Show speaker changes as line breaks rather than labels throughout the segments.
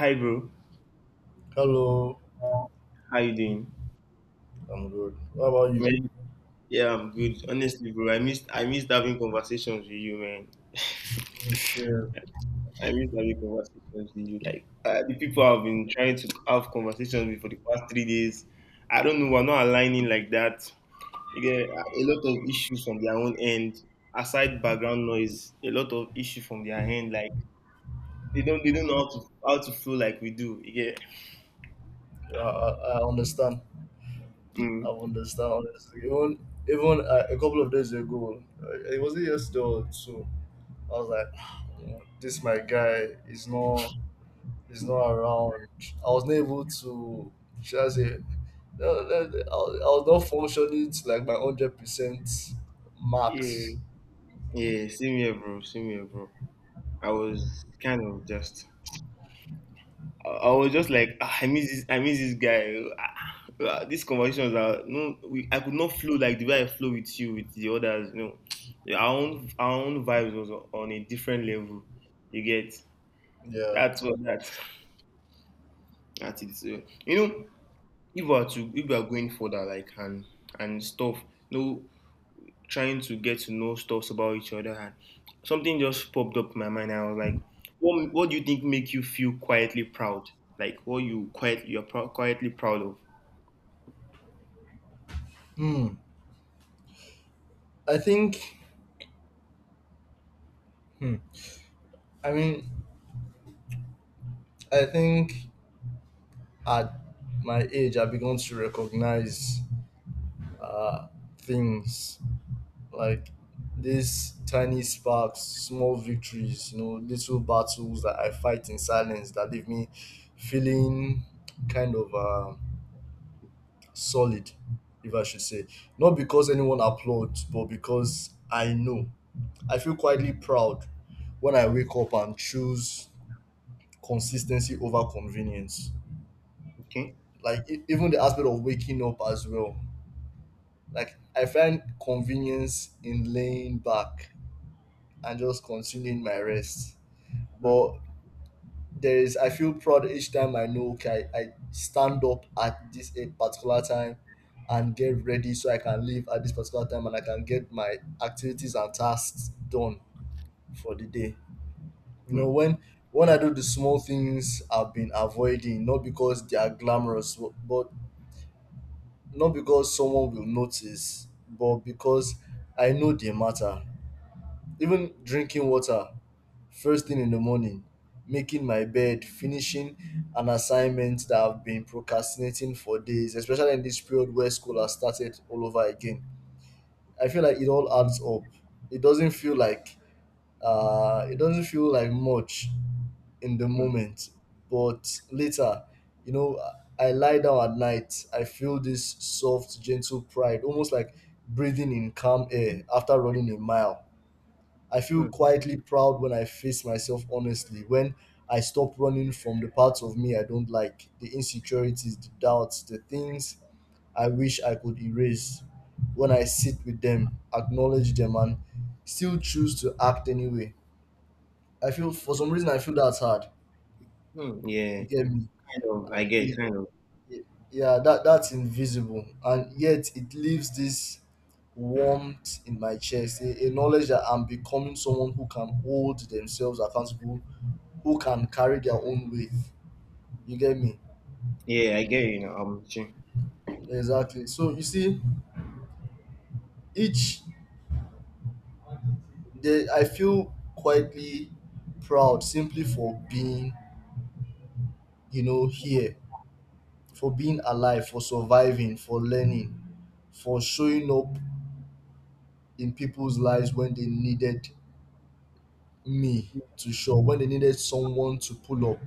Hi, bro.
Hello,
How you doing?
I'm good. How about you?
Man, yeah, I'm good. Honestly, bro, I missed having conversations with you, man.
It's, uh,
I missed having conversations with you. Like the people I've been trying to have conversations with for the past 3 days. I don't know. We're not aligning like that. You get a lot of issues from their own end. Aside background noise, a lot of issue from their end. Like they don't know how to flow like we do. You get.
I, I, I understand. I
Mm.
understand. Honestly. Even a couple of days ago, it wasn't yesterday or so. I was like, "Man, this my guy is not around. I was not able to. Should I say? No, no, no, I was not functioning to like my 100%
Yeah.
max.
Yeah. Same here, bro. Same here, bro. I was kind of just. I was just like, "Ah, I miss this guy. Ah, ah, these conversations are no, we, I could not flow like the way I flow with you, with the others. You know, yeah, our own vibes was on a different level. You get
Yeah.
that's what that is. You know, if we are to if we are going further, like and stuff. No, trying to get to know stuffs about each other and something just popped up in my mind. I was like, what do you think make you feel quietly proud? Like what you quietly proud of.
Hmm. I think. Hmm. I mean, I think. At my age, I began to recognize uh, things like these tiny sparks, small victories, you know, little battles that I fight in silence that leave me feeling kind of solid, if I should say. Not because anyone applauds, but because I know. I feel quietly proud when I wake up and choose consistency over convenience.
Okay.
Like even the aspect of waking up as well. Like I find convenience in laying back and just consuming my rest.
Mm,
But there is, I feel proud each time I know, okay, I stand up at this a particular time and get ready so I can leave at this particular time and I can get my activities and tasks done for the day. You know,
mm,
when I do the small things I've been avoiding, not because they are glamorous, but not because someone will notice, but because I know they matter. Even drinking water first thing in the morning, making my bed, finishing an assignment that I've been procrastinating for days, especially in this period where school has started all over again. I feel like it all adds up. It doesn't feel like much in the
mm,
moment, but later, you know, I lie down at night, I feel this soft, gentle pride, almost like breathing in calm air after running a mile. I feel
mm,
quietly proud when I face myself honestly, when I stop running from the parts of me I don't like, the insecurities, the doubts, the things I wish I could erase. When I sit with them, acknowledge them, and still choose to act anyway. I feel, for some reason, I feel that's hard.
mm. Yeah,
You get me?
kind of. I get
It-
kind of.
yeah, that's invisible. And yet, it leaves this warmth in my chest, a knowledge that I'm becoming someone who can hold themselves accountable, who can carry their own weight. You get me?
Yeah, I get you know. Jay.
Exactly. So you see, each day I feel quietly proud simply for being, you know, here, for being alive, for surviving, for learning, for showing up in people's lives when they needed me to show, when they needed someone to pull up.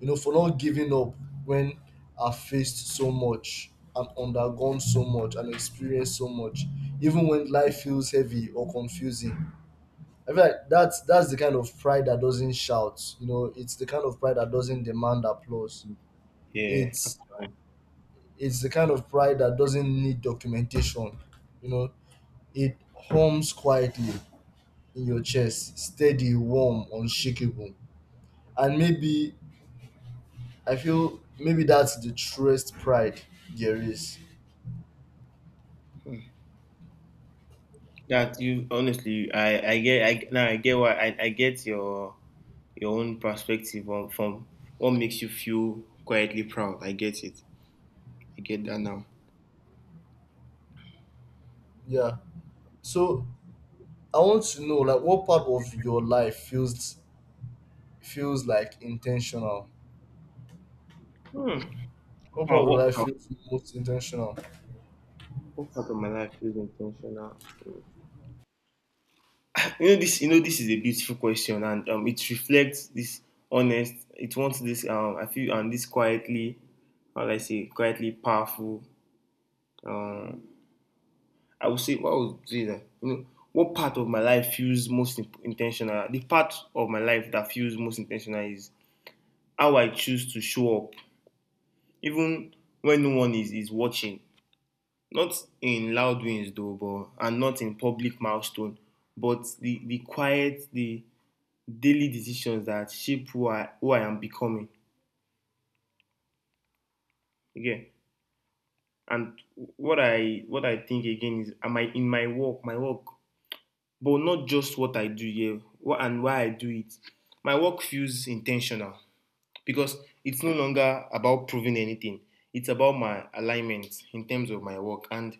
You know, for not giving up when I've faced so much and undergone so much and experienced so much, even when life feels heavy or confusing. I feel like that's the kind of pride that doesn't shout. You know, it's the kind of pride that doesn't demand applause.
Yeah.
It's it's the kind of pride that doesn't need documentation. You know, it hums quietly in your chest, steady, warm, unshakable. And maybe, I feel maybe that's the truest pride there is.
That you honestly, I now I get why I get your own perspective on from what makes you feel quietly proud. I get it. I get that now.
Yeah. So I want to know, like, what part of your life feels like intentional?
Hmm.
What part
Proud,
of your
what
life feels most intentional?
What part of my life feels intentional? You know this. You know this is a beautiful question, and it reflects this honest. It wants this. I feel and this quietly, how do I say, quietly powerful. Um, I would say, what would say that? You know, what part of my life feels most intentional? The part of my life that feels most intentional is how I choose to show up, even when no one is watching. Not in loud wins though, but and not in public milestone, but the quiet, the daily decisions that shape who I am becoming. Again, and what I think again is am I in my work, but not just what I do here what, and why I do it. My work feels intentional because it's no longer about proving anything. It's about my alignment in terms of my work, and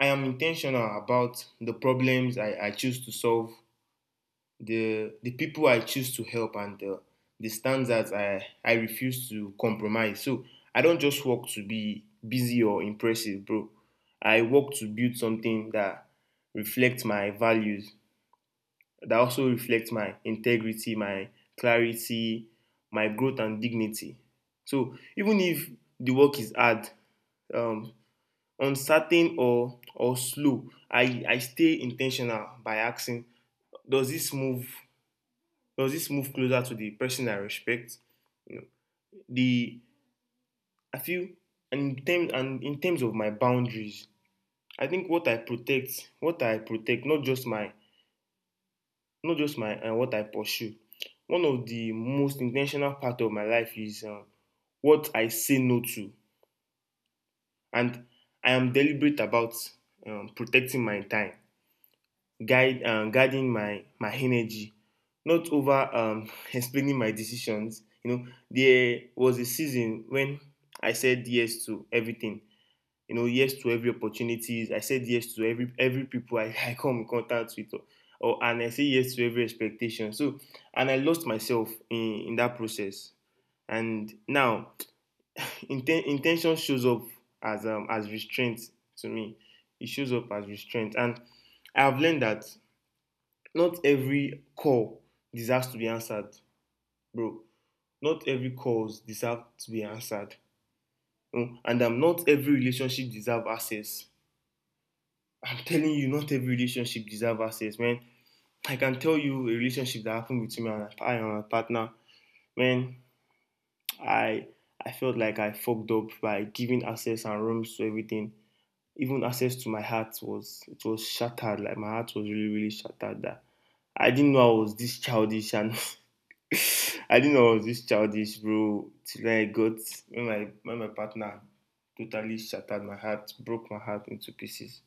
I am intentional about the problems I choose to solve the people I choose to help and the standards I refuse to compromise. So I don't just work to be busy or impressive, bro. I work to build something that reflects my values, that also reflects my integrity, my clarity, my growth and dignity. So even if the work is hard, um, uncertain or slow, I stay intentional by asking, does this move does this move closer to the person I respect? You know, the I feel and in terms of my boundaries, I think what I protect, not just my and what I pursue. One of the most intentional part of my life is what I say no to, and I am deliberate about protecting my time, guide guiding my my energy, not over explaining my decisions. You know, there was a season when I said yes to everything. You know, yes to every opportunities. I said yes to every people I, I come in contact with, or and I say yes to every expectation. So, and I lost myself in that process. And now, intention shows up as restraint to me. It shows up as restraint, and I've learned that not every call deserves to be answered, bro. Not every calls deserve to be answered. Mm. And not every relationship deserve access. I'm telling you, not every relationship deserve access, man. I can tell you a relationship that happened between me and I and my partner. Man, I I felt like I fucked up by giving access and rooms to everything. Even access to my heart was it was shattered. Like my heart was really really shattered. That I didn't know I was this childish and I didn't know I was this childish, bro. Till I got when my partner totally shattered my heart, broke my heart into pieces.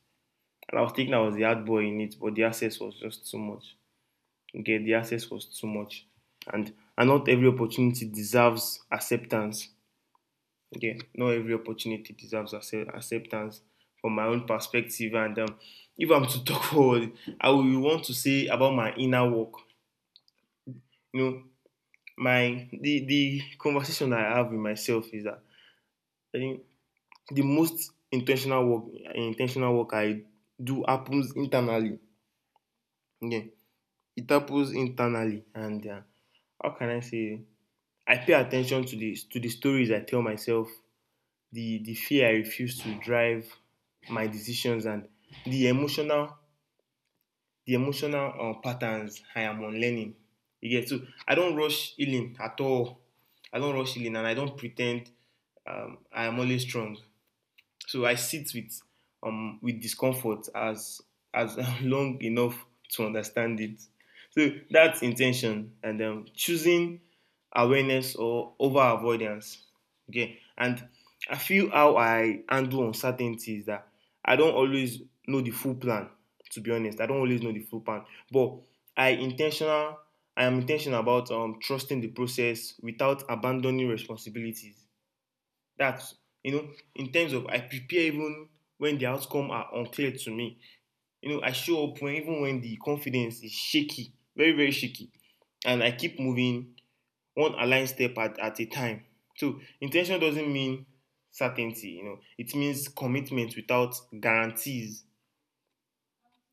And I was thinking I was the hard boy in it, but the access was just too much. Okay, the access was too much, and and not every opportunity deserves acceptance. Okay, not every opportunity deserves acceptance from my own perspective. And if I'm to talk forward, I will want to say about my inner work. You know, my the conversation I have with myself is that I think the most intentional work I do happens internally. Yeah, it happens internally, and how can I say? I pay attention to the stories I tell myself, the fear I refuse to drive my decisions, and the emotional patterns I am unlearning. You get so I don't rush healing at all. I don't rush healing and I don't pretend I am always strong. So I sit with discomfort as long enough to understand it. So that's intention and choosing awareness or over avoidance. Okay, and I feel how I handle uncertainty is that I don't always know the full plan. To be honest, I don't always know the full plan, but I intentional. I am intentional about trusting the process without abandoning responsibilities. That you know, in terms of I prepare even when the outcome are unclear to me. You know, I show up when even when the confidence is shaky, very very shaky, and I keep moving one aligned step at a time. So intention doesn't mean certainty. You know, it means commitment without guarantees.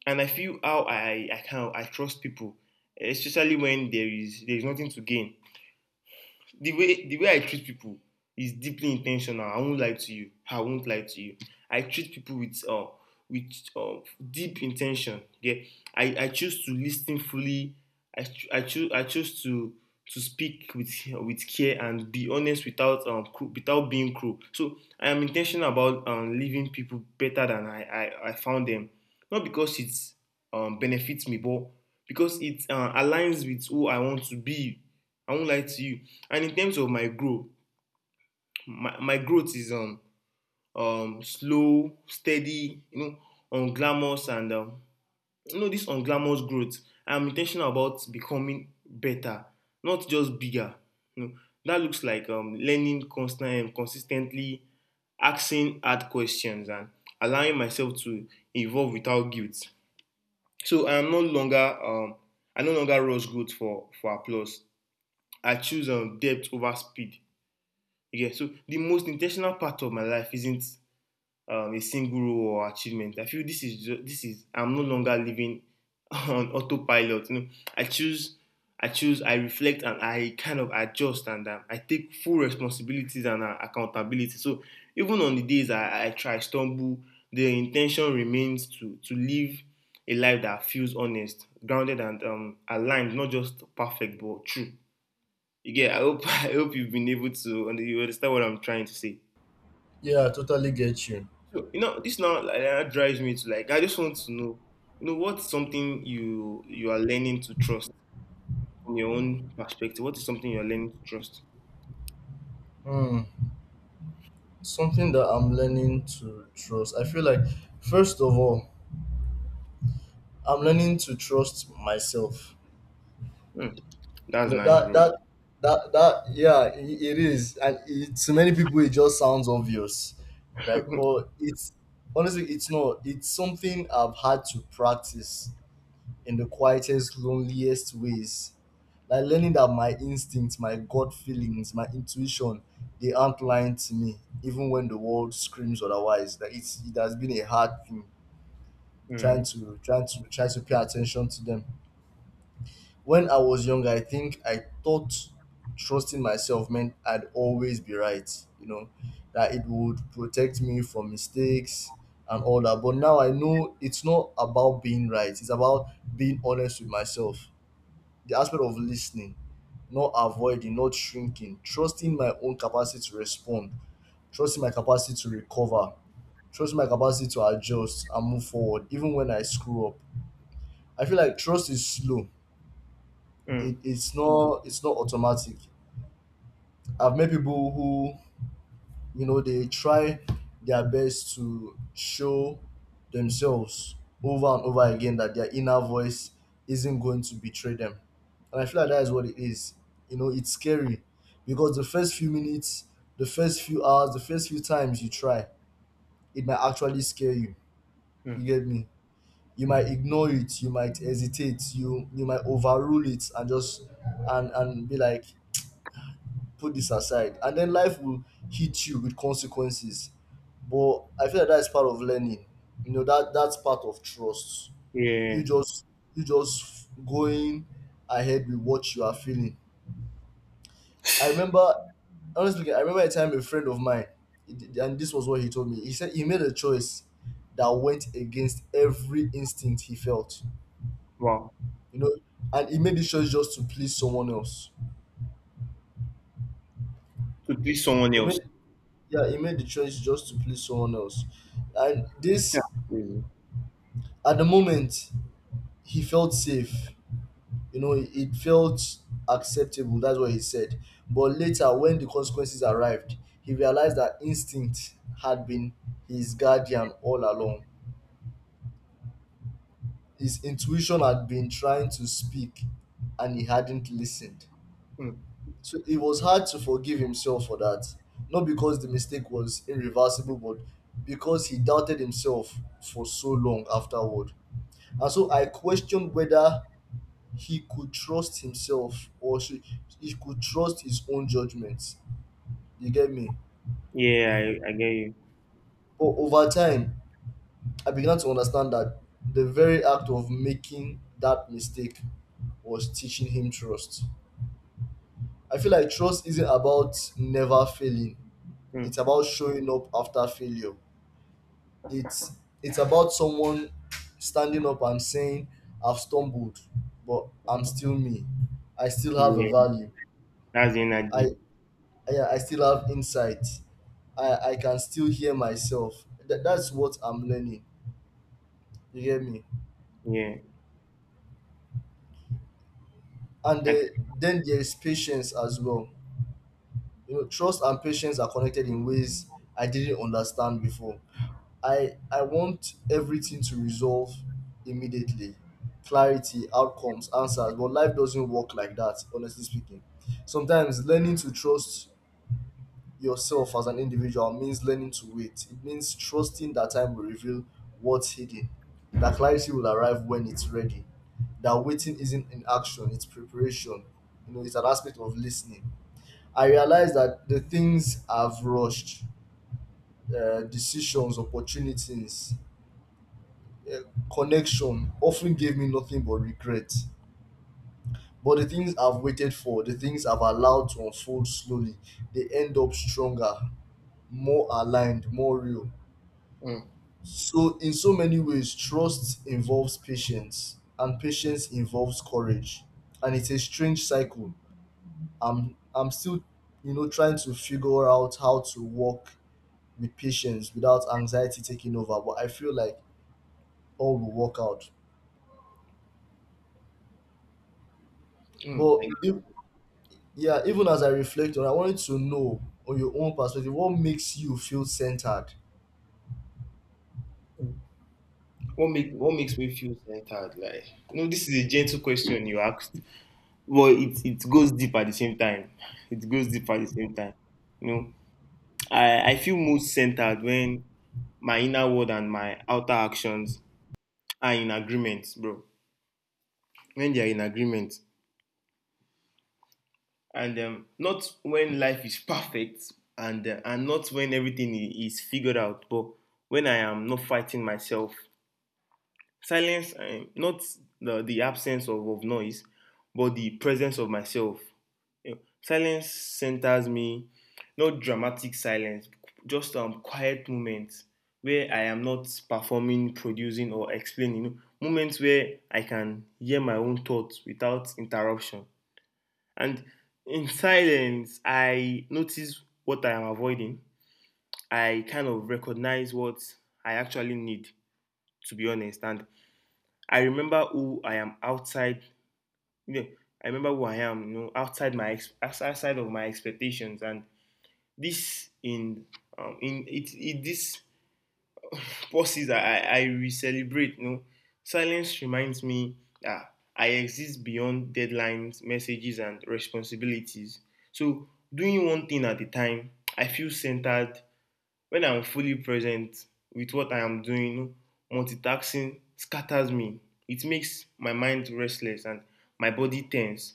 And I feel how I can I trust people, especially when there is nothing to gain the way I treat people is deeply intentional. I won't lie to you. I won't lie to you. I treat people with deep intention. Yeah, I choose to listen fully. I choose to speak with care and be honest without without being cruel. So I am intentional about leaving people better than I found them. Not because it's benefits me, but because it aligns with who I want to be. I won't lie to you. And in terms of my growth, my growth is slow, steady, you know, unglamorous and you know this unglamorous growth. I'm intentional about becoming better, not just bigger. You know, that looks like learning constantly and consistently, asking hard questions and allowing myself to evolve without guilt. So I am no longer I no longer rush growth for applause. I choose depth over speed. Yeah, so the most intentional part of my life isn't a single role or achievement. I feel this is this is I'm no longer living on autopilot. You know, I choose, I choose, I reflect, and I kind of adjust, and I take full responsibilities and accountability. So even on the days I try stumble, the intention remains to live a life that feels honest, grounded, and aligned, not just perfect but true. Yeah, I hope I hope you've been able to and you understand what I'm trying to say.
Yeah, I totally get you.
So you know, this now like, that drives me to like I just want to know, you know, what's something you are learning to trust from your own perspective? What is something you're learning to trust?
Hmm. Something that I'm learning to trust. I feel like, first of all, I'm learning to trust myself.
Mm,
You
that's
know
nice,
that
bro.
that that that yeah, I it is, and to many people it just sounds obvious, right? But it's, honestly, it's not. It's something I've had to practice in the quietest, loneliest ways. Like learning that my instincts, my gut feelings, my intuition, they aren't lying to me, even when the world screams otherwise. That it's, it has been a hard thing trying
Mm,
to trying to try to pay attention to them. When I was younger, I think I thought trusting myself meant I'd always be right, you know, that it would protect me from mistakes and all that. But now I know it's not about being right, it's about being honest with myself. The aspect of listening, not avoiding, not shrinking, trusting my own capacity to respond, trusting my capacity to recover, trusting my capacity to adjust and move forward, even when I screw up. I feel like trust is slow. it,
mm,
it's not it's not automatic. I've met people who, you know, they try their best to show themselves over and over again that their inner voice isn't going to betray them. And I feel like that is what it is. You know, it's scary because the first few minutes, the first few hours, the first few times you try, it might actually scare you.
mm.
You get me? You might ignore it, you might hesitate, you might overrule it, and just and be like, put this aside, and then life will hit you with consequences. But I feel like that's part of learning. You know, that's part of trust. you
Yeah.
just you just going ahead with what you are feeling. I remember Honestly speaking, I remember a time a friend of mine, and this was what he told me. He said he made a choice that went against every instinct he felt.
Wow.
You know, and he made this choice just to please someone else.
To please someone
He
else.
made Yeah, he made the choice just to please someone else. And
That's
this,
crazy.
at the moment, he felt safe. You know, it felt acceptable, that's what he said. But later, when the consequences arrived, he realized that instinct had been his guardian all along. His intuition had been trying to speak, and he hadn't listened.
Mm.
So it was hard to forgive himself for that, not because the mistake was irreversible, but because he doubted himself for so long afterward. And so I questioned whether he could trust himself, or she, he could trust his own judgments. You get me?
Yeah, I get you.
But over time, I began to understand that the very act of making that mistake was teaching him trust. I feel like trust isn't about never failing,
Mm.
it's about showing up after failure. It's it's about someone standing up and saying, I've stumbled, but I'm still me. I still have a
Yeah.
value.
That's the energy.
I I still have insight. I can still hear myself. That's what I'm learning. You hear me?
Yeah.
And
I,
the, then there's patience as well. You know, trust and patience are connected in ways I didn't understand before. I want everything to resolve immediately, clarity, outcomes, answers, but life doesn't work like that, honestly speaking. Sometimes learning to trust yourself as an individual means learning to wait. It means trusting that time will reveal what's hidden, that clarity will arrive when it's ready, that waiting isn't inaction, it's preparation. You know, it's an aspect of listening. I realized that the things I've rushed, decisions, opportunities, uh, connection, often gave me nothing but regret. But the things I've waited for, the things I've allowed to unfold slowly, they end up stronger, more aligned, more real.
mm,
So, in so many ways, trust involves patience, and patience involves courage, and it's a strange cycle. I'm still, you know, trying to figure out how to walk with patience without anxiety taking over. But I feel like all will work out.
mm, I-
But if, yeah, even as I reflect on, I wanted to know, on your own perspective, what makes you feel centered.
What make what makes me feel centered? Like you know, this is a gentle question you asked, but it goes deep at the same time. It goes deep at the same time. You know, I feel most centered when my inner world and my outer actions are in agreement, bro. When they are in agreement, and not when life is perfect, and and not when is figured out, but when I am not fighting myself. Silence, not the absence of noise but the presence of myself, you know, silence centers me, not dramatic silence, just quiet moments where I am not performing, producing, or explaining, you know, moments where I can hear my own thoughts without interruption. And in silence I notice what I am avoiding, I kind of recognize what I actually need, to be honest. And I remember who I am outside. You know, I remember who I am, you know, outside of my expectations. And this in it, it this pauses I re-celebrate, you know. Silence reminds me that I exist beyond deadlines, messages, and responsibilities. So, doing one thing at a time, I feel centered when I'm fully present with what I am doing. Multitasking scatters me. It makes my mind restless and my body tense.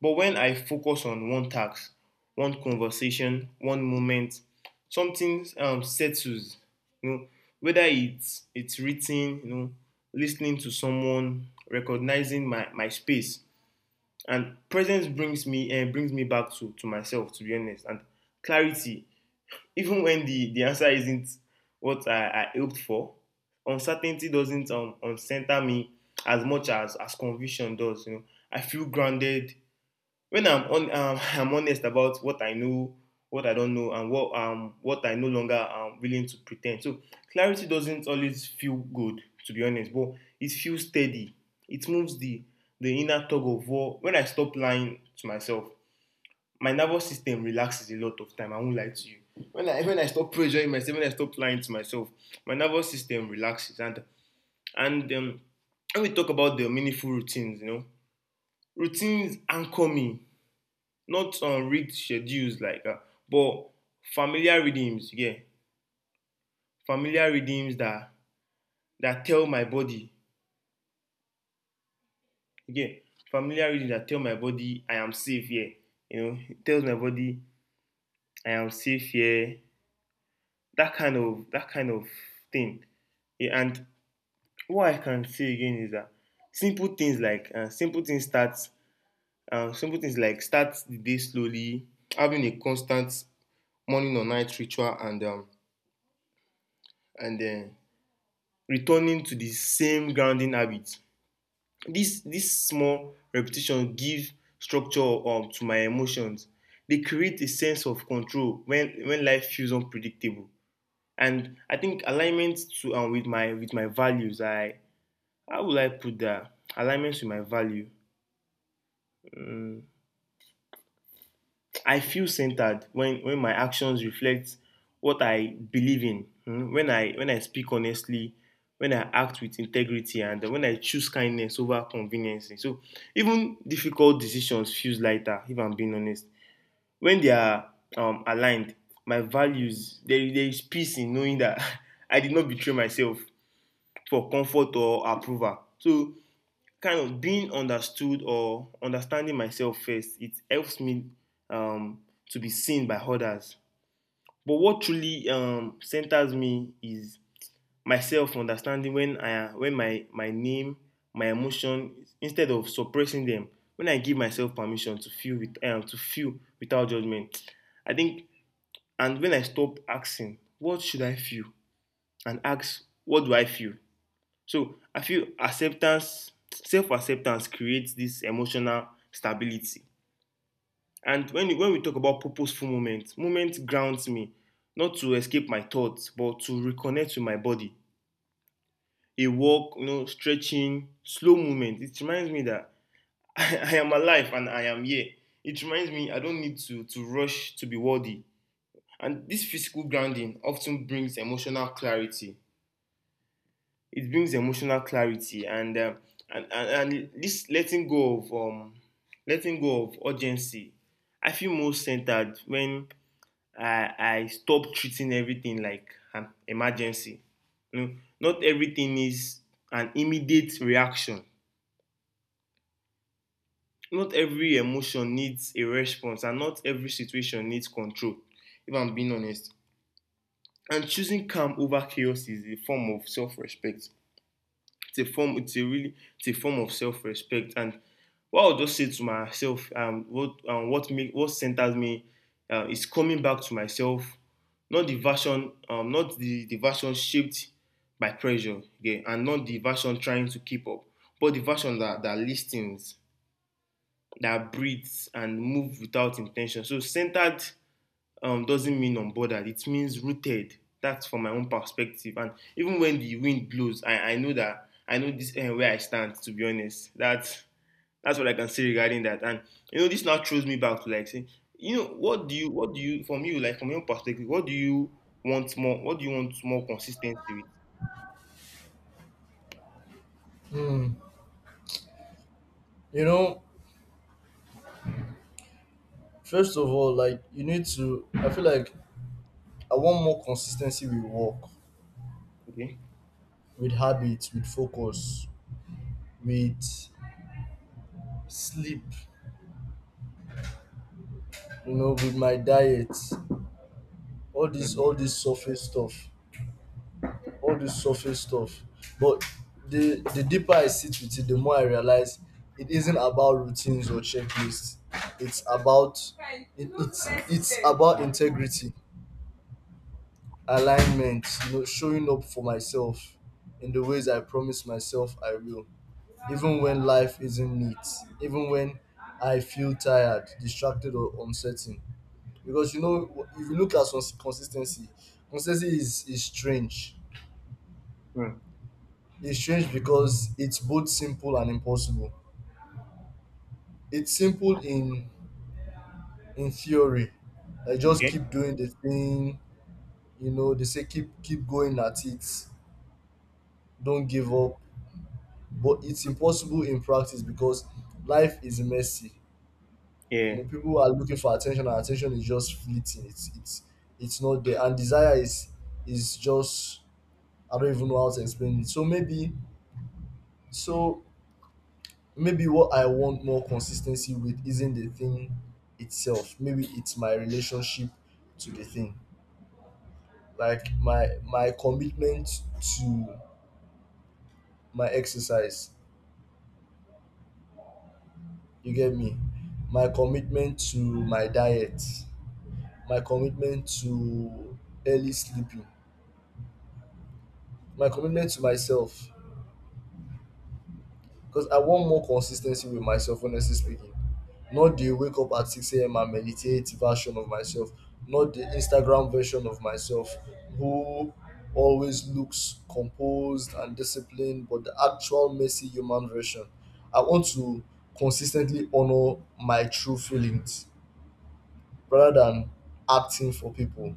But when I focus on one task, one conversation, one moment, something settles. You know, whether it's written, you know, listening to someone, recognizing my space, and presence brings me back to myself, to be honest. And clarity, even when the answer isn't what I hoped for. Uncertainty doesn't center me as much as conviction does, you know. I feel grounded when I'm on. I'm honest about what I know, what I don't know, and what I no longer am willing to pretend. So clarity doesn't always feel good, to be honest, but it feels steady. It moves the inner tug of war. When I stop lying to myself, my nervous system relaxes a lot of time. I won't lie to you. When I stop pressuring myself, when I stop lying to myself, my nervous system relaxes. And when we talk about the meaningful routines, you know, routines anchor me, not on read schedules like, but familiar rhythms. Yeah, familiar rhythms that that tell my body. Yeah, familiar rhythms that tell my body I am safe here. Yeah. You know, it tells my body I am safe here. Yeah. That kind of thing. Yeah. And what I can say again is that simple things like uh, simple things starts, simple things like start the day slowly, having a constant morning or night ritual, and then returning to the same grounding habit. This small repetition give structure, to my emotions. They create a sense of control when life feels unpredictable. And I think alignment to with my values. I how will I put that? Alignment with my value. I feel centered when my actions reflect what I believe in. When I speak honestly, when I act with integrity, and when I choose kindness over convenience. So even difficult decisions feels lighter, if I'm being honest, when they are aligned, my values, there is peace in knowing that I did not betray myself for comfort or approval. So kind of being understood or understanding myself first, it helps me, um, to be seen by others. But what truly centers me is myself understanding, when I when my name, my emotion, instead of suppressing them, when I give myself permission to feel with to feel without judgment, I think. And when I stop asking, what should I feel, and ask, what do I feel, so I feel acceptance. Self acceptance creates this emotional stability. And when, when we talk about purposeful movement, movement grounds me, not to escape my thoughts, but to reconnect with my body. A walk, you know, stretching, slow movement. It reminds me that I am alive and I am here. It reminds me I don't need to rush to be worthy. And this physical grounding often brings emotional clarity, it brings emotional clarity. And this letting go of letting go of urgency. I feel more centered when I stop treating everything like an emergency, you know. Not everything is an immediate reaction, not every emotion needs a response, and not every situation needs control, if I'm being honest. And choosing calm over chaos is a form of self-respect. It's a form, it's a really, it's a form of self-respect. And what I'll just say to myself, what centers me is coming back to myself, not the version, not the version shaped by pressure, okay, and not the version trying to keep up, but the version that that listens, that breathes and moves without intention. So centered, doesn't mean unbothered. It means rooted. That's from my own perspective. And even when the wind blows, I know that I know this where I stand, to be honest. That's what I can say regarding that. And you know, this now throws me back to like saying, you know, what do you from you like from your own perspective, what do you want more? What do you want more consistency with?
You know, first of all, like, you need to. I feel like I want more consistency with work,
Okay.
with habits, with focus, with sleep. You know, with my diet,
Mm,
all this surface stuff. All this surface stuff. But the deeper I sit with it, the more I realize it isn't about routines or checklists. It's about it's about
mm,
integrity, alignment, you know, showing up for myself in the ways I promise myself I will. Even when life isn't neat, even when I feel tired, distracted, or uncertain. Because, you know, if you look at consistency, consistency is strange.
mm.
Because it's both simple and impossible. It's simple in theory, like, just
Okay.
keep doing the thing. You know, they say keep going at it, don't give up. But it's impossible in practice because life is messy. You know,
Yeah.
people are looking for attention, and attention is just fleeting. It's not there, and desire is just, I don't even know how to explain it. So maybe what I want more consistency with isn't the thing itself. Maybe it's my relationship to the thing. Like my commitment to my exercise. You get me? My commitment to my diet. My commitment to early sleeping. My commitment to myself. Because I want more consistency with myself, honestly speaking. Not the wake up at 6 a.m. and meditate version of myself, not the Instagram version of myself who always looks composed and disciplined, but the actual messy human version. I want to consistently honor my true feelings rather than acting for people.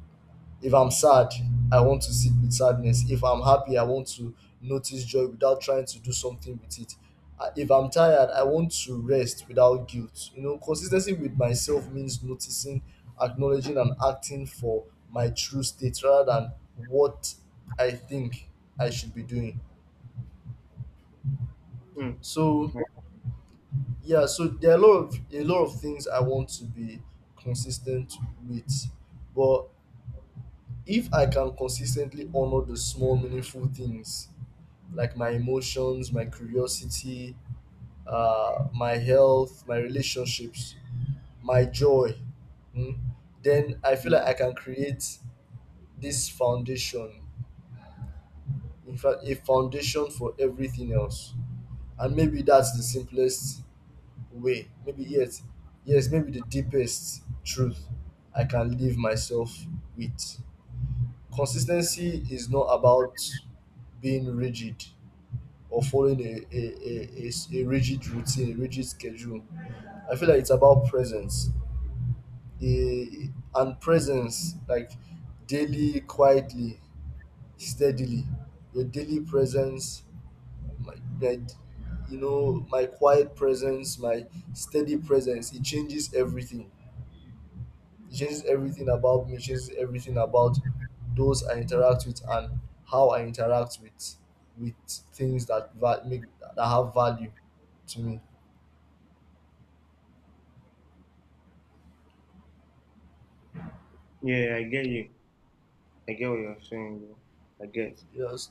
If I'm sad, I want to sit with sadness. If I'm happy, I want to notice joy without trying to do something with it. If I'm tired, I want to rest without guilt. You know, consistency with myself means noticing, acknowledging, and acting for my true state rather than what I think I should be doing.
Mm.
So yeah, so there are a lot of things I want to be consistent with, but if I can consistently honor the small meaningful things like my emotions, my curiosity, my health, my relationships, my joy, mm, then I feel like I can create this foundation, in fact, a foundation for everything else. And maybe that's the simplest way. Maybe the deepest truth I can leave myself with. Consistency is not about being rigid or following a rigid routine, a rigid schedule. I feel like it's about presence. A, and presence, like, daily, quietly, steadily. Your daily presence, my, my, my quiet presence, my steady presence, it changes everything. It changes everything about me, it changes everything about those I interact with, and how I interact with with things that va- make that have value to me.
Yeah. I get you. I get what you're saying, bro. I get.
Yes.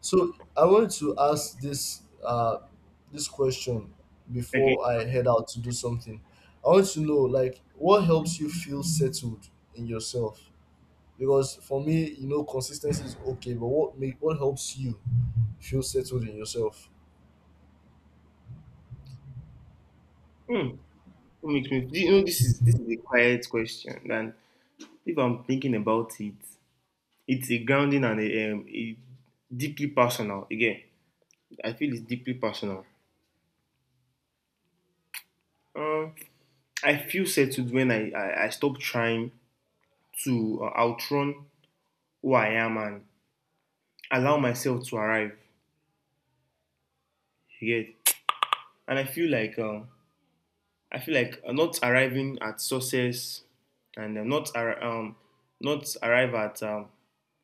So I want to ask this this question before I head out to do something. I want to know, like, what helps you feel settled in yourself? Because for me, you know, consistency is okay, but what helps you feel settled in yourself?
Okay. What makes me? You know, this is a quiet question, and if I'm thinking about it, it's a grounding and a deeply personal. Again, I feel it's deeply personal. Um, I feel settled when I stop trying to outrun who I am and allow myself to arrive. You get? And I feel like not arriving at success and not arrive at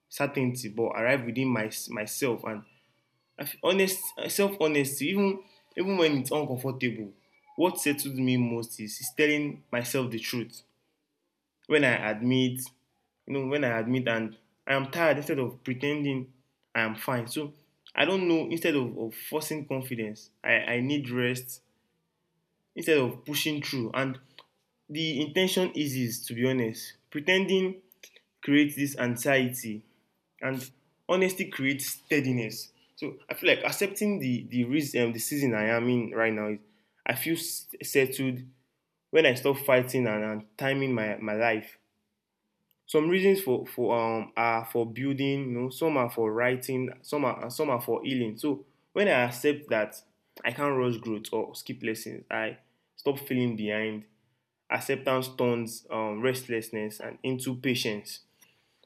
certainty, but arrive within my myself. And I feel honest, self honesty, even even when it's uncomfortable. What settled me most is telling myself the truth. When I admit, you know, when I admit and I am tired instead of pretending I am fine. So I don't know, instead of forcing confidence, I need rest instead of pushing through. And the intention eases, to be honest. Pretending creates this anxiety, and honesty creates steadiness. So I feel like accepting the risk, the season I am in right now is, I feel settled when I stop fighting and timing my, my life. Some reasons for are for building, you know, some are for writing, some are and some are for healing. So when I accept that I can't rush growth or skip lessons, I stop feeling behind. Acceptance turns restlessness and into patience.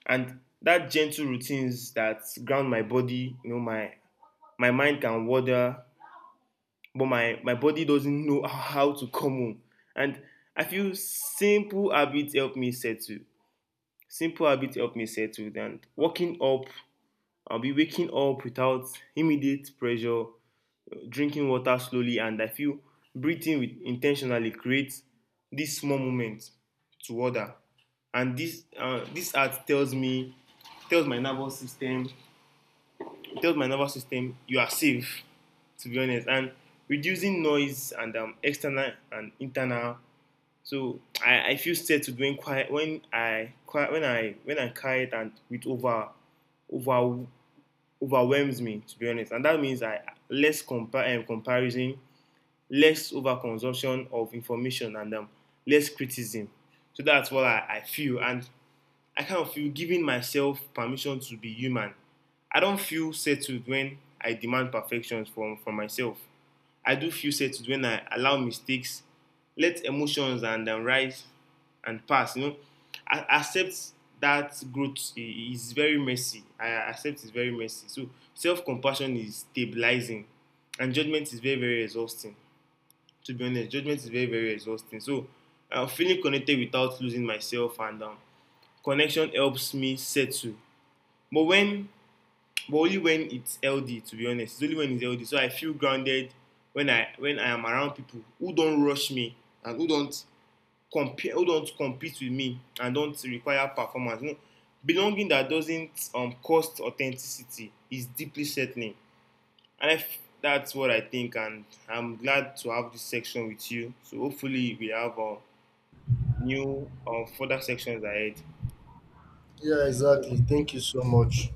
And that gentle routines that ground my body, you know, my mind can wander but my body doesn't know how to come home. And I feel simple habits help me settle, simple habits help me settle. And waking up, I'll be waking up without immediate pressure, drinking water slowly, and I feel breathing with intentionally creates this small moment to order. And this this art tells me, tells my nervous system, tells my nervous system you are safe, to be honest. And reducing noise and external and internal. So, I feel settled when quiet, when I quiet and with over over overwhelms me, to be honest. And that means I less comparison, less overconsumption of information, and less criticism. So that's what I feel. And I kind of feel giving myself permission to be human. I don't feel settled when I demand perfection from myself. I do feel settled when I allow mistakes, let emotions and then rise and pass. You know, I accept that growth is very messy. I accept it's very messy. So self-compassion is stabilizing, and judgment is very very exhausting. To be honest, judgment is very very exhausting. So I, feeling connected without losing myself, and connection helps me settle. But when, but only when it's LD, to be honest. It's only when it's LD. So I feel grounded when I am around people who don't rush me and who don't compare, who don't compete with me, and don't require performance. You know, belonging that doesn't cost authenticity is deeply settling. And that's what I think, and I'm glad to have this section with you. So hopefully we have a new further sections ahead.
Yeah, exactly. Thank you so much.